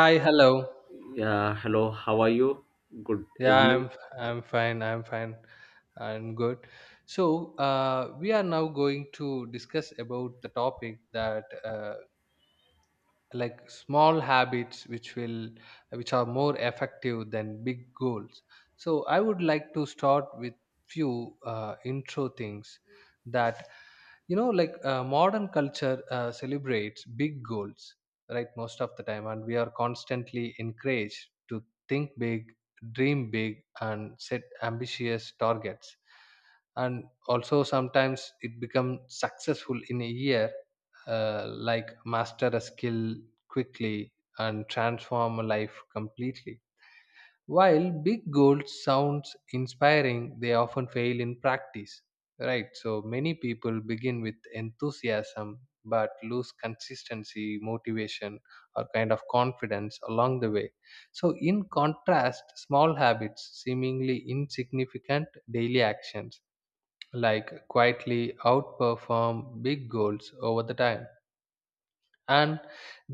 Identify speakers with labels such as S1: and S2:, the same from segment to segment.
S1: Hi, hello.
S2: Yeah, hello, how are you? Good
S1: Yeah,
S2: evening.
S1: I'm I'm fine. I'm good. So we are now going to discuss about the topic that like small habits which are more effective than big goals. So, I would like to start with few intro things that modern culture celebrates big goals, right, most of the time, and we are constantly encouraged to think big, dream big, and set ambitious targets, and also sometimes it becomes successful in a year, like master a skill quickly and transform a life completely. While big goals sounds inspiring, they often fail in practice. Right, so many people begin with enthusiasm but lose consistency, motivation, or kind of confidence along the way. So, in contrast, small habits, seemingly insignificant daily actions, like quietly outperform big goals over the time, and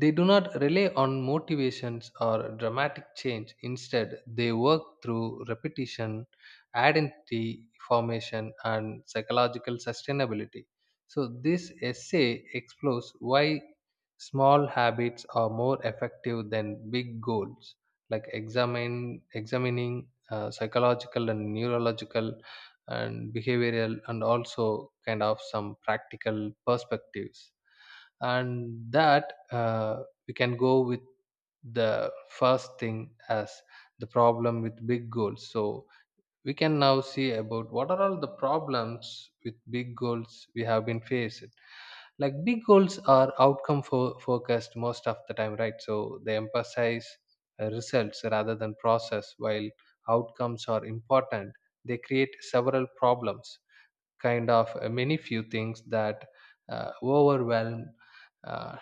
S1: they do not rely on motivations or dramatic change, instead they work through repetition, identity formation, and psychological sustainability. So this essay explores why small habits are more effective than big goals, like examine examining psychological and neurological and behavioral and also kind of some practical perspectives. And that we can go with the first thing as the problem with big goals. So we can now see about what are all the problems with big goals we have been faced. Like big goals are outcome focused most of the time, right, so they emphasize results rather than process. While outcomes are important, they create several problems, kind of many few things that overwhelm, uh,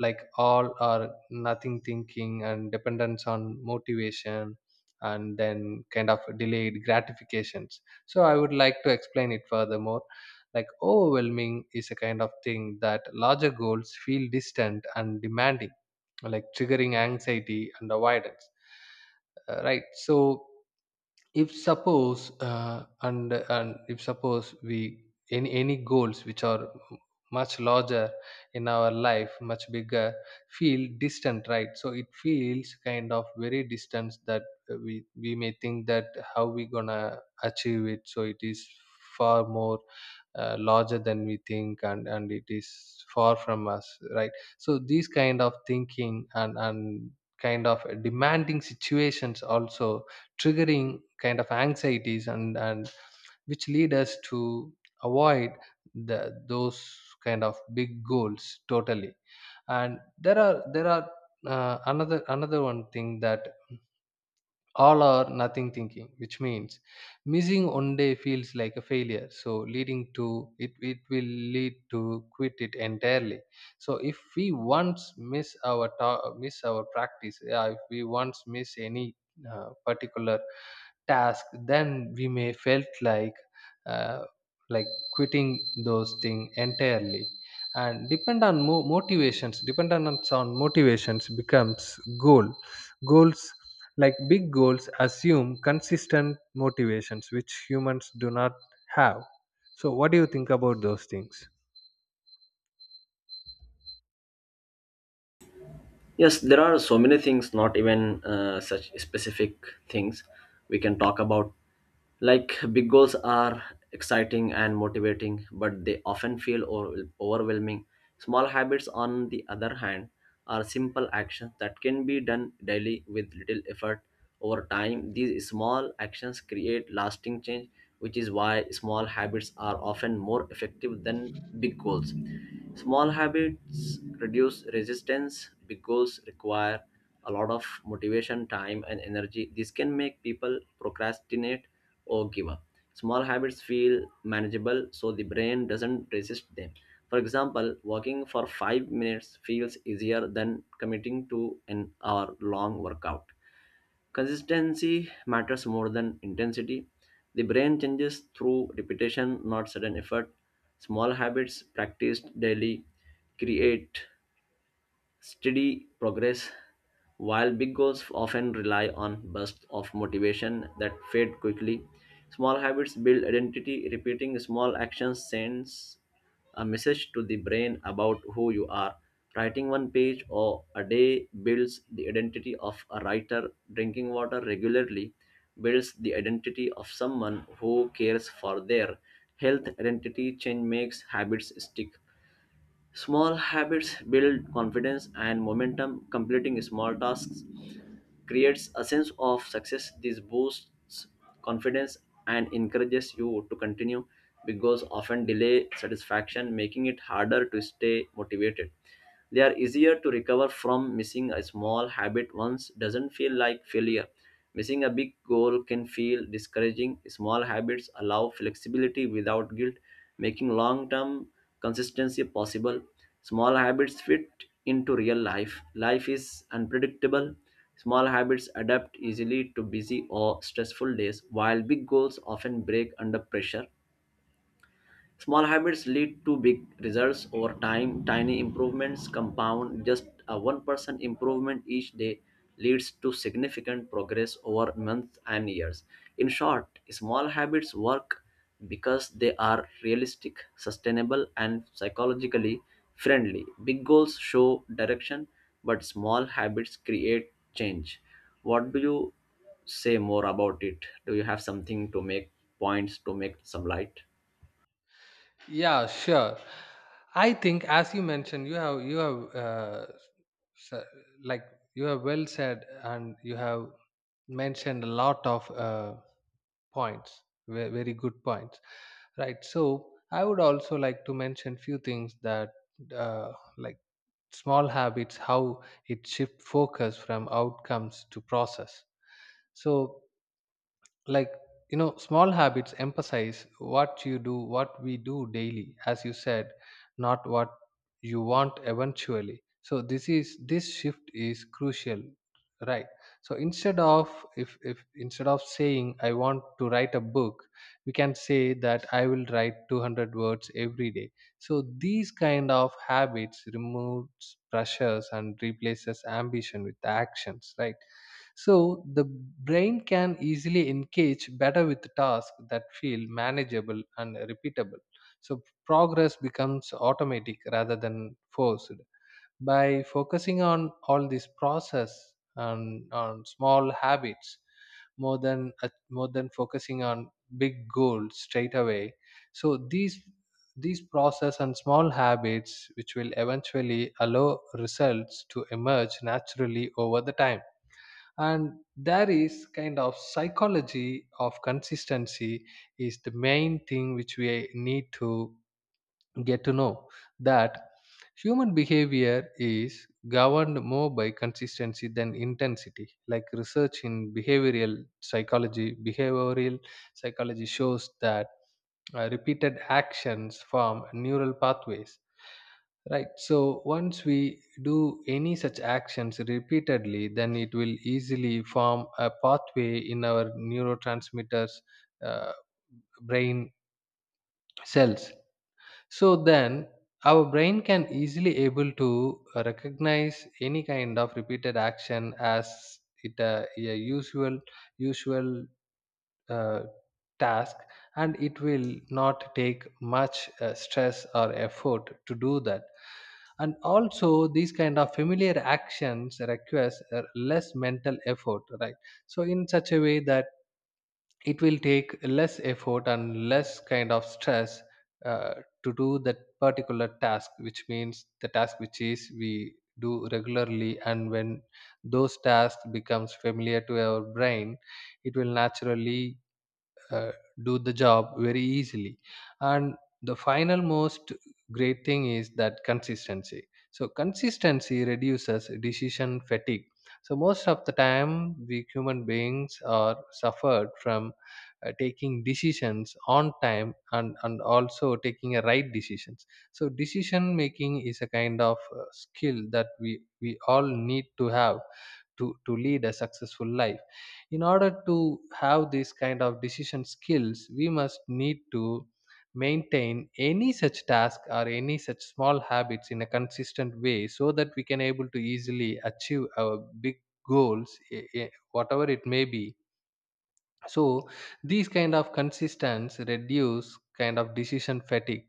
S1: like all or nothing thinking, and dependence on motivation, and then kind of delayed gratifications. So I would like to explain it furthermore. Like overwhelming is a kind of thing that larger goals feel distant and demanding, like triggering anxiety and avoidance. Right, so if suppose and if suppose we any goals which are much larger in our life, much bigger, feel distant. Right, so it feels kind of very distant that we may think that how we gonna achieve it. So it is far more larger than we think, and it is far from us, right? So these kind of thinking and kind of demanding situations also triggering kind of anxieties and which lead us to avoid the those kind of big goals totally. And there are another one thing, that all or nothing thinking, which means missing one day feels like a failure, so leading to it it will lead to quit it entirely. So if we once miss our miss our practice, yeah, if we once miss any particular task, then we may felt like uh, like quitting those things entirely. And depend on motivations, dependence on motivations becomes goals like big goals assume consistent motivations which humans do not have. So what do you think about those things?
S2: Yes, there are so many things, not even such specific things we can talk about. Like, big goals are exciting and motivating, but they often feel overwhelming. Small habits, on the other hand, are simple actions that can be done daily with little effort over time. These small actions create lasting change which is why small habits are often more effective than big goals. Small habits reduce resistance, big goals require a lot of motivation, time, and energy. This can make people procrastinate or give up. Small habits feel manageable so the brain doesn't resist them. For example, walking for 5 minutes feels easier than committing to an hour long workout. Consistency matters more than intensity. The brain changes through repetition, not sudden effort. Small habits practiced daily create steady progress, while big goals often rely on bursts of motivation that fade quickly. Small habits build identity. Repeating small actions sends a message to the brain about who you are. Writing one page or a day builds the identity of a writer. Drinking water regularly builds the identity of someone who cares for their health. Identity change makes habits stick. Small habits build confidence and momentum. Completing small tasks creates a sense of success. This boosts confidence and encourages you to continue because often delay satisfaction, making it harder to stay motivated. They are easier to recover from missing a small habit once doesn't feel like failure. Missing a big goal can feel discouraging. Small habits allow flexibility without guilt, making long term consistency possible. Small habits fit into real life. Life is unpredictable. Small habits adapt easily to busy or stressful days, while big goals often break under pressure. Small habits lead to big results over time. Tiny improvements compound. Just a 1% improvement each day leads to significant progress over months and years. In short, small habits work because they are realistic, sustainable, and psychologically friendly. Big goals show direction, but small habits create change. What do you say more about it? Do you have something to make points to make some light?
S1: Yeah, sure. I think, as you mentioned, you have s- like you have well said, and you have mentioned a lot of points, very good points, right? So I would also like to mention few things that like small habits, how it shift focus from outcomes to process. So like you know small habits emphasize what you do, what we do daily, as you said, not what you want eventually. So this shift is crucial, right? So instead of, if instead of saying I want to write a book, we can say that I will write 200 words every day. So these kind of habits removes pressures and replaces ambition with actions, right? So the brain can easily engage better with tasks that feel manageable and repeatable. So progress becomes automatic rather than forced. By focusing on all this process and on small habits, more than more than focusing on big goals straight away, so these process and small habits which will eventually allow results to emerge naturally over the time. And there is kind of psychology of consistency is the main thing which we need to get to know, that human behavior is governed more by consistency than intensity. Like research in behavioral psychology shows that repeated actions form neural pathways, right? So once we do any such actions repeatedly, then it will easily form a pathway in our neurotransmitters, uh, brain cells. So then our brain can easily able to recognize any kind of repeated action as it a usual uh, task, and it will not take much stress or effort to do that. And also these kind of familiar actions requires less mental effort, right? So in such a way that it will take less effort and less kind of stress, uh, to do that particular task, which means the task which is we do regularly, and when those tasks becomes familiar to our brain, it will naturally uh, do the job very easily. And the final most great thing is that consistency. So consistency reduces decision fatigue. So most of the time we human beings are suffered from taking decisions on time, and also taking a right decisions. So decision making is a kind of skill that we all need to have, to lead a successful life. In order to have this kind of decision skills, we must need to maintain any such task or any such small habits in a consistent way, so that we can able to easily achieve our big goals, whatever it may be. So these kind of consistence reduce kind of decision fatigue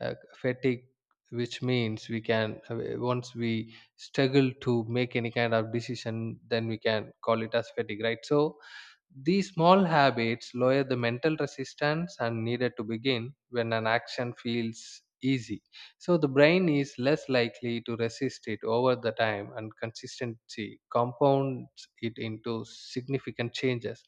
S1: uh, fatigue which means we can, once we struggle to make any kind of decision, then we can call it as fatigue, right? So these small habits lower the mental resistance and needed to begin when an action feels easy. So the brain is less likely to resist it over the time, and consistency compounds it into significant changes.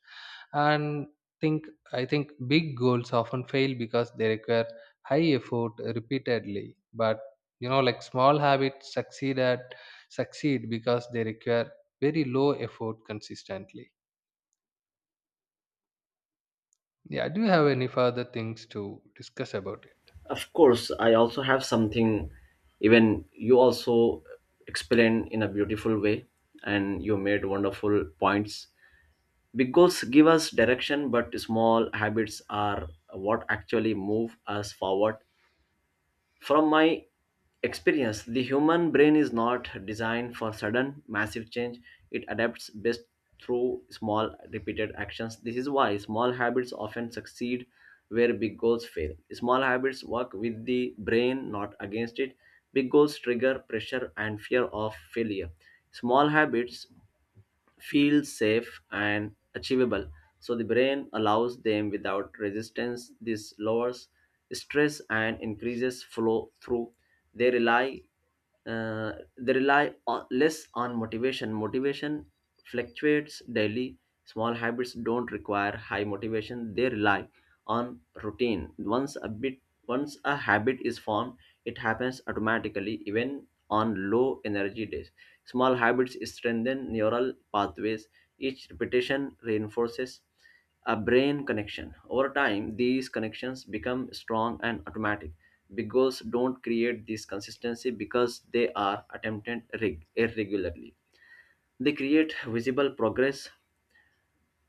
S1: And think I think big goals often fail because they require high effort repeatedly. But you know like small habits succeed because they require very low effort consistently. Yeah, do you have any further things to discuss about it?
S2: Of course, I also have something, even you also explain in a beautiful way, and you made wonderful points. Big goals give us direction, but small habits are what actually move us forward. From my experience, the human brain is not designed for sudden, massive change. It adapts best through small, repeated actions. This is why small habits often succeed where big goals fail. Small habits work with the brain, not against it. Big goals trigger pressure and fear of failure. Small habits feel safe and achievable. So the brain allows them without resistance. This lowers stress and increases flow through. They rely they rely on, less on motivation. Motivation fluctuates daily. Small habits don't require high motivation. They rely on routine. Once a habit is formed, it happens automatically, even on low energy days. Small habits strengthen neural pathways. Each repetition reinforces a brain connection. Over time, these connections become strong and automatic. Big goals don't create this consistency because they are attempted irregularly. They create visible progress.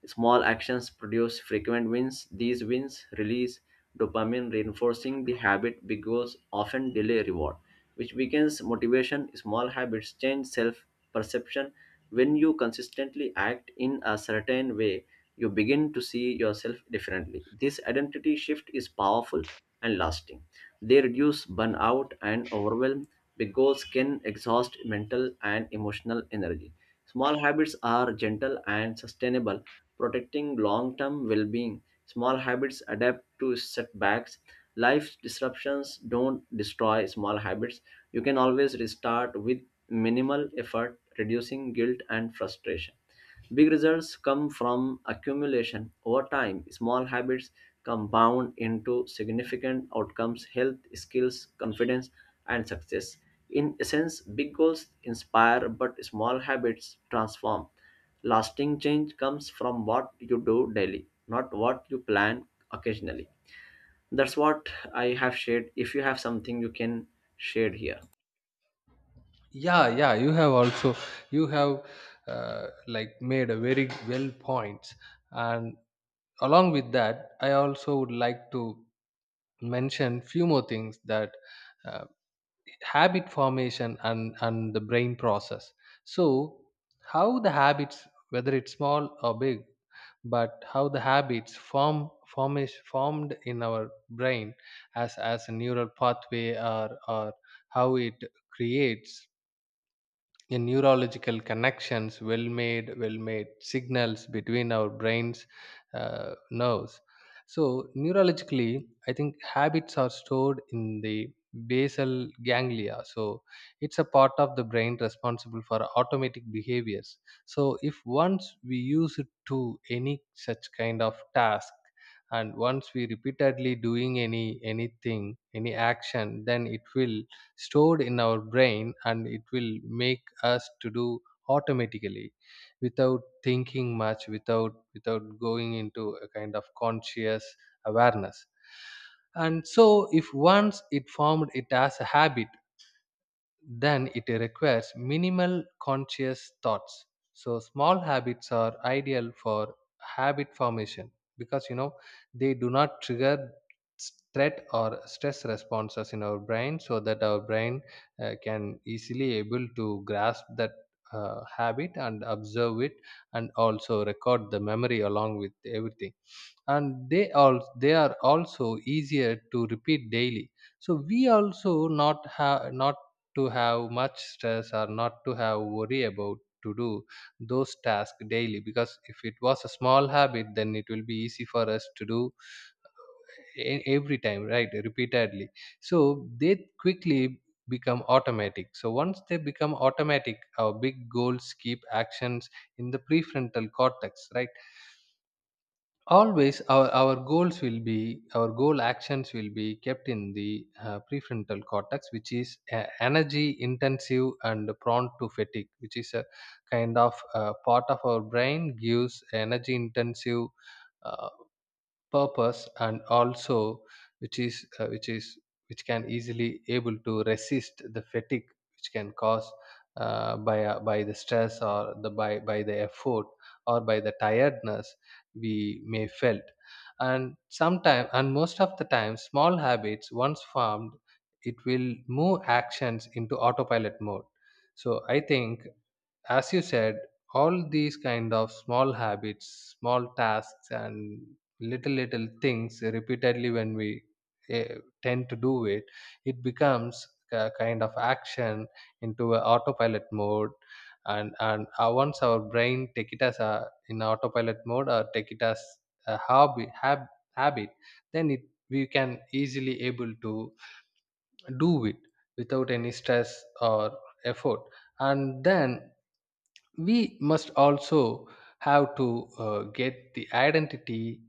S2: Small actions produce frequent wins. These wins release dopamine, reinforcing the habit because often delay reward, which weakens motivation. Small habits change self perception. When you consistently act in a certain way, you begin to see yourself differently. This identity shift is powerful and lasting. They reduce burnout and overwhelm because can exhaust mental and emotional energy. Small habits are gentle and sustainable protecting long term well being. Small habits adapt to setbacks. Life disruptions don't destroy small habits. You can always restart with minimal effort, reducing guilt and frustration. Big results come from accumulation over time. Small habits compound into significant outcomes, health, skills, confidence, and success. In essence, big goals inspire, but small habits transform. Lasting change comes from what you do daily, not what you plan occasionally. That's what I have shared. If you have something, you can share here.
S1: Yeah, yeah, you have also, you have like made a very well points, and along with that, I also would like to mention few more things that. uh, Habit formation and the brain process. So how the habits, whether it's small or big, but how the habits form form is formed in our brain, as a neural pathway, or how it creates a neurological connections, well made signals between our brains, uh, nerves. So neurologically I think habits are stored in the basal ganglia. So it's a part of the brain responsible for automatic behaviors. So if once we use it to any such kind of task, and once we repeatedly doing anything any action, then it will stored in our brain, and it will make us to do automatically without thinking much, without going into a kind of conscious awareness. And so if once it formed it as a habit, then it requires minimal conscious thoughts. So small habits are ideal for habit formation, because you know they do not trigger threat or stress responses in our brain, so that our brain can easily able to grasp that habit and observe it, and also record the memory along with everything. And they are also easier to repeat daily. So we also not have, not to have much stress or not to have worry about to do those tasks daily, because if it was a small habit, then it will be easy for us to do every time, right, repeatedly. So they quickly become automatic. So once they become automatic, our big goals keep actions in the prefrontal cortex, right? Always our goals will be, our goal actions will be kept in the prefrontal cortex, which is energy intensive and prone to fatigue, which is a kind of part of our brain, gives energy intensive uh, purpose, and also which is which can easily able to resist the fatigue, which can cause by, by the stress, or the by the effort, or by the tiredness we may felt. And sometime and most of the time, small habits once formed, it will move actions into autopilot mode. So I think, as you said, all these kind of small habits, small tasks, and little little things repeatedly, when we eh, tend to do it, it becomes a kind of action into a autopilot mode. And once our brain take it as a in autopilot mode, or take it as a habit, then it, we can easily able to do it without any stress or effort, and Then we must also have to get the identity,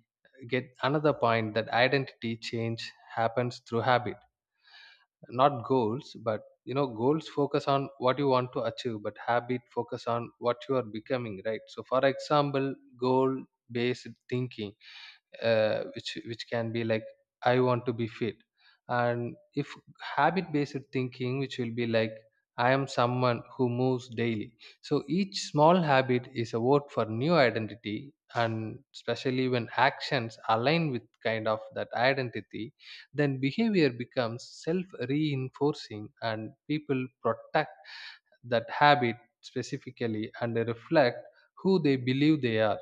S1: get another point, that identity change happens through habit, not goals. But you know, goals focus on what you want to achieve, but habit focus on what you are becoming, right? So for example, goal based thinking, which can be like, I want to be fit. And if habit based thinking, which will be like, I am someone who moves daily. So each small habit is a vote for new identity, and especially when actions align with kind of that identity, then behavior becomes self reinforcing and people protect that habit specifically, and they reflect who they believe they are.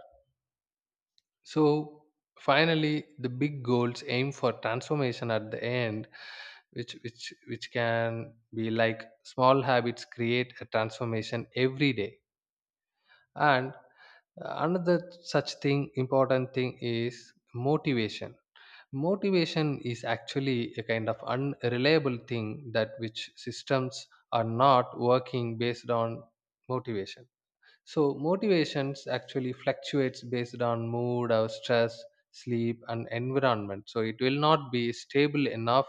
S1: So finally, the big goals aim for transformation at the end, which can be like, small habits create a transformation every day. And another such thing, important thing, is motivation. Motivation is actually a kind of unreliable thing that which systems are not working based on motivation. So motivations actually fluctuates based on mood, our stress, sleep, and environment. So it will not be stable enough,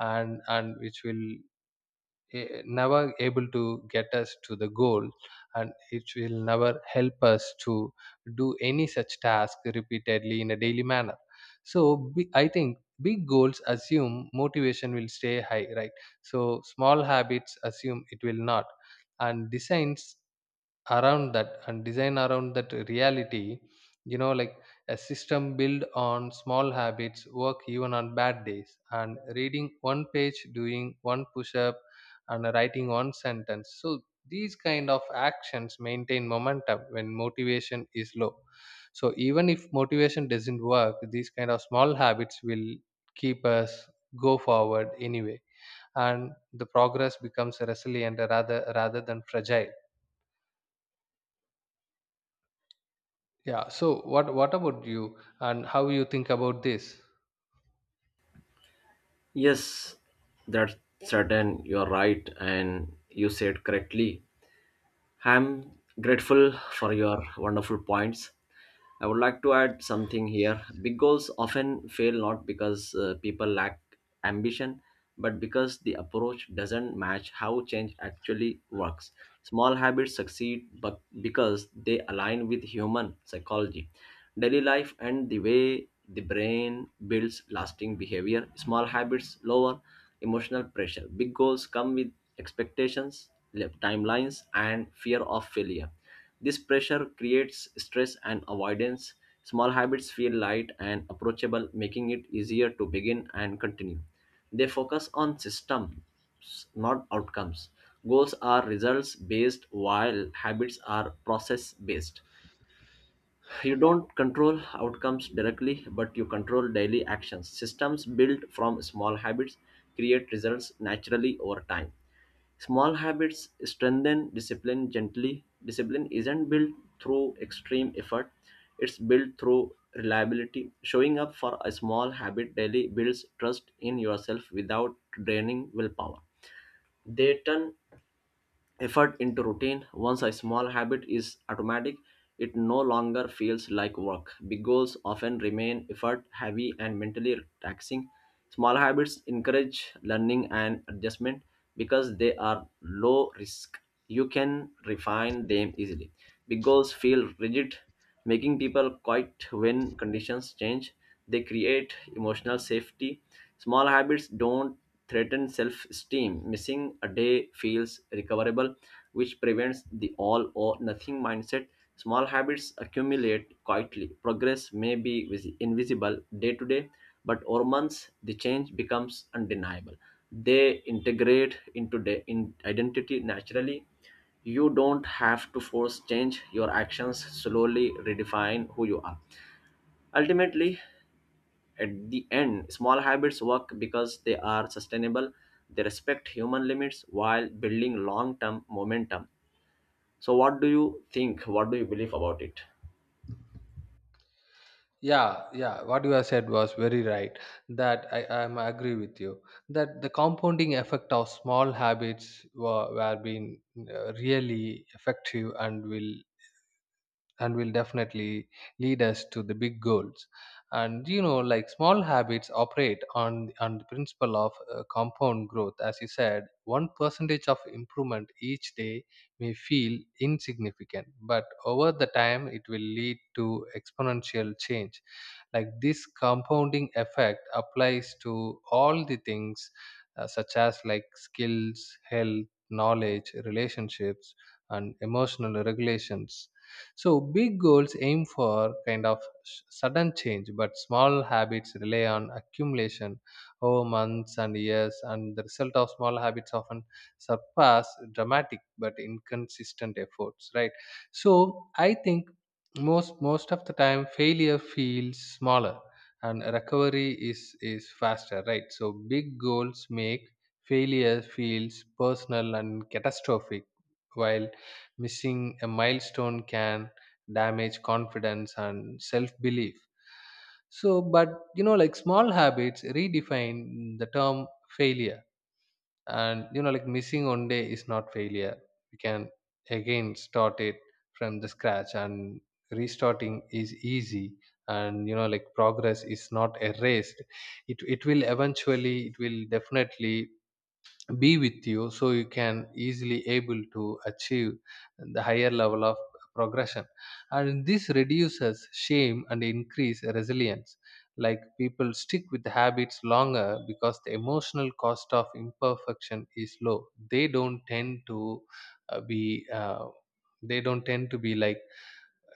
S1: and which will never able to get us to the goal, and it will never help us to do any such task repeatedly in a daily manner. So I think big goals assume motivation will stay high, right? So small habits assume it will not, and designs around that, and design around that reality. You know, like, a system built on small habits work even on bad days, and reading one page, doing one push up and writing one sentence. So these kind of actions maintain momentum when motivation is low. So even if motivation doesn't work, these kind of small habits will keep us go forward anyway, and the progress becomes resilient rather than fragile. Yeah, so what about you, and how you think about this?
S2: Yes, that's certain. You're right, and you said correctly I'm grateful for your wonderful points. I would like to add something here. Big goals often fail not because people lack ambition, but because the approach doesn't match how change actually works. Small habits succeed but because they align with human psychology, daily life, and the way the brain builds lasting behavior. Small habits lower emotional pressure. Big goals come with expectations, timelines, and fear of failure. This pressure creates stress and avoidance. Small habits feel light and approachable, making it easier to begin and continue. They focus on systems, not outcomes. Goals are results based, while habits are process based. You don't control outcomes directly, but you control daily actions. Systems built from small habits create results naturally over time. Small habits strengthen discipline gently. Discipline isn't built through extreme effort, it's built through reliability. Showing up for a small habit daily builds trust in yourself without draining willpower. They turn effort into routine. Once a small habit is automatic, it no longer feels like work. Big goals often remain effort heavy and mentally taxing. Small habits encourage learning and adjustment because they are low risk. You can refine them easily. Big goals feel rigid making people quiet when conditions change. They create emotional safety. Small habits don't threaten self esteem. Missing a day feels recoverable, which prevents the all or nothing mindset. Small habits accumulate quietly. Progress may be invisible day to day, but over months, the change becomes undeniable. They integrate into the identity naturally. You don't have to force change, your actions slowly redefine who you are. Ultimately, at the end, small habits work because they are sustainable. They respect human limits while building long term momentum. So what do you think, what do you believe about it?
S1: Yeah, yeah, what you have said was very right, that I'm agree with you, that the compounding effect of small habits were being really effective, and will, and will definitely lead us to the big goals. And you know, like, small habits operate on the principle of compound growth. As you said, one percentage of improvement each day may feel insignificant, but over the time it will lead to exponential change. Like, this compounding effect applies to all the things, such as like skills, health, knowledge, relationships, and emotional regulations. So big goals aim for kind of sudden change, but small habits rely on accumulation over months and years, and the result of small habits often surpass dramatic but inconsistent efforts. Right. So I think most of the time failure feels smaller, and recovery is faster. Right. So big goals make failure feels personal and catastrophic, while missing a milestone can damage confidence and self belief so, but, you know, like, small habits redefine the term failure. And you know, like, missing one day is not failure. We can again start it from the scratch, and restarting is easy. And you know, like, progress is not erased. It will eventually, it will definitely be with you, so you can easily able to achieve the higher level of progression. And this reduces shame and increase resilience. Like, people stick with habits longer because the emotional cost of imperfection is low. They don't tend to be they don't tend to be like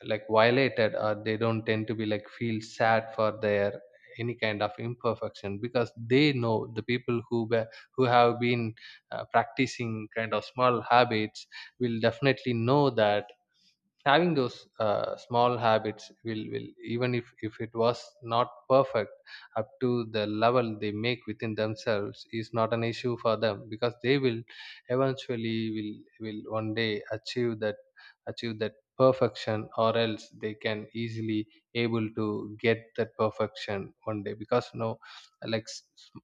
S1: like violated, or they don't tend to be like feel sad for their any kind of imperfection, because they know the people who have been practicing kind of small habits will definitely know that having those small habits will, even if it was not perfect up to the level they make within themselves, is not an issue for them, because they will eventually will one day achieve that achieve that perfection, or else they can easily able to get that perfection one day. Because no, like,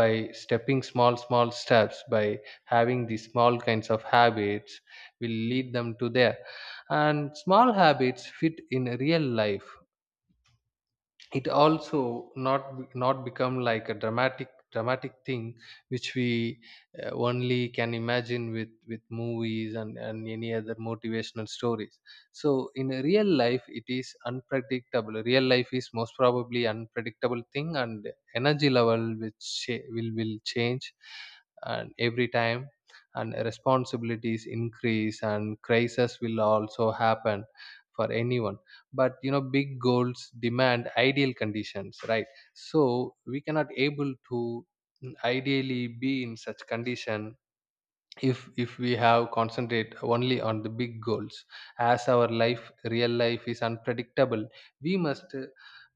S1: by stepping small steps, by having these small kinds of habits, will lead them to there. And small habits fit in real life. It also not become like a dramatic thing, which we only can imagine with movies and any other motivational stories. So in a real life, it is unpredictable. Real life is most probably unpredictable thing. And energy level, which will change, and every time, and responsibilities increase, and crisis will also happen for anyone. But you know, big goals demand ideal conditions, right? So we cannot able to, ideally be in such condition, if we have concentrate only on the big goals. As our life, real life is unpredictable, we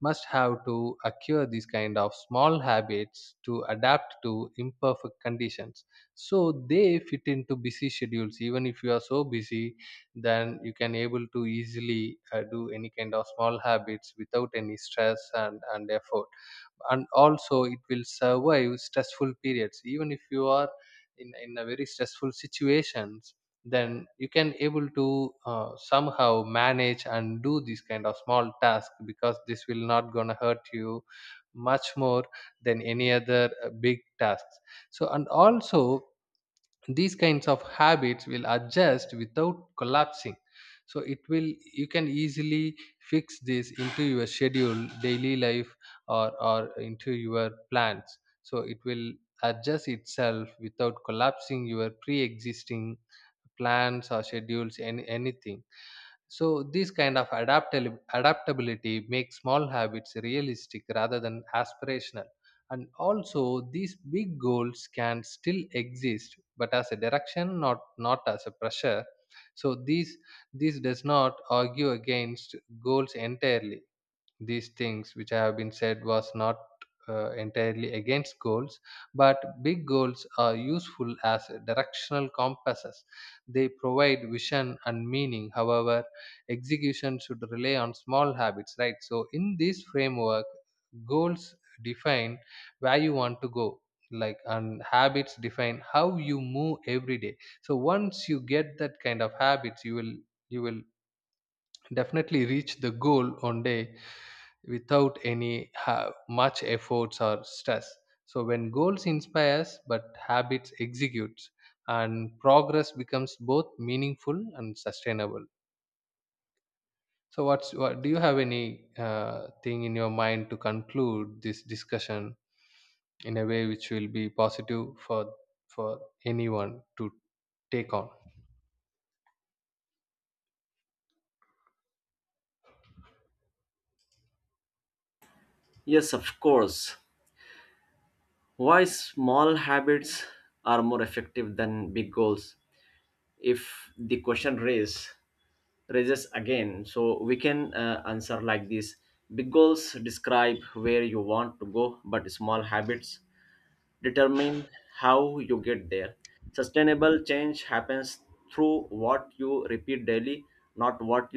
S1: must have to acquire these kind of small habits to adapt to imperfect conditions. So they fit into busy schedules. Even if you are so busy, then you can able to easily do any kind of small habits without any stress and effort. And also, it will survive stressful periods. Even if you are in a very stressful situations, then you can able to somehow manage and do these kind of small task, because this will not gonna hurt you much more than any other big tasks. So, and also, these kinds of habits will adjust without collapsing. So it will, you can easily fix this into your schedule, daily life, or into your plans. So it will adjust itself without collapsing your pre-existing plans or schedules. Anything. So this kind of adaptability makes small habits realistic rather than aspirational. And also, these big goals can still exist, but as a direction, not as a pressure. So this does not argue against goals entirely. These things which I have been said was not entirely against goals, but big goals are useful as directional compasses. They provide vision and meaning. However, execution should rely on small habits, right? So, in this framework, goals define where you want to go, like, and habits define how you move every day. So once you get that kind of habits, you will definitely reach the goal one day without any much efforts or stress. So when goals inspires, but habits executes, and progress becomes both meaningful and sustainable. So what do you have, any thing in your mind to conclude this discussion in a way which will be positive for, anyone to take on
S2: Yes, of course. Why small habits are more effective than big goals, if the question raised raises again. So we can answer like this. Big goals describe where you want to go, but small habits determine how you get there. Sustainable change happens through what you repeat daily, not what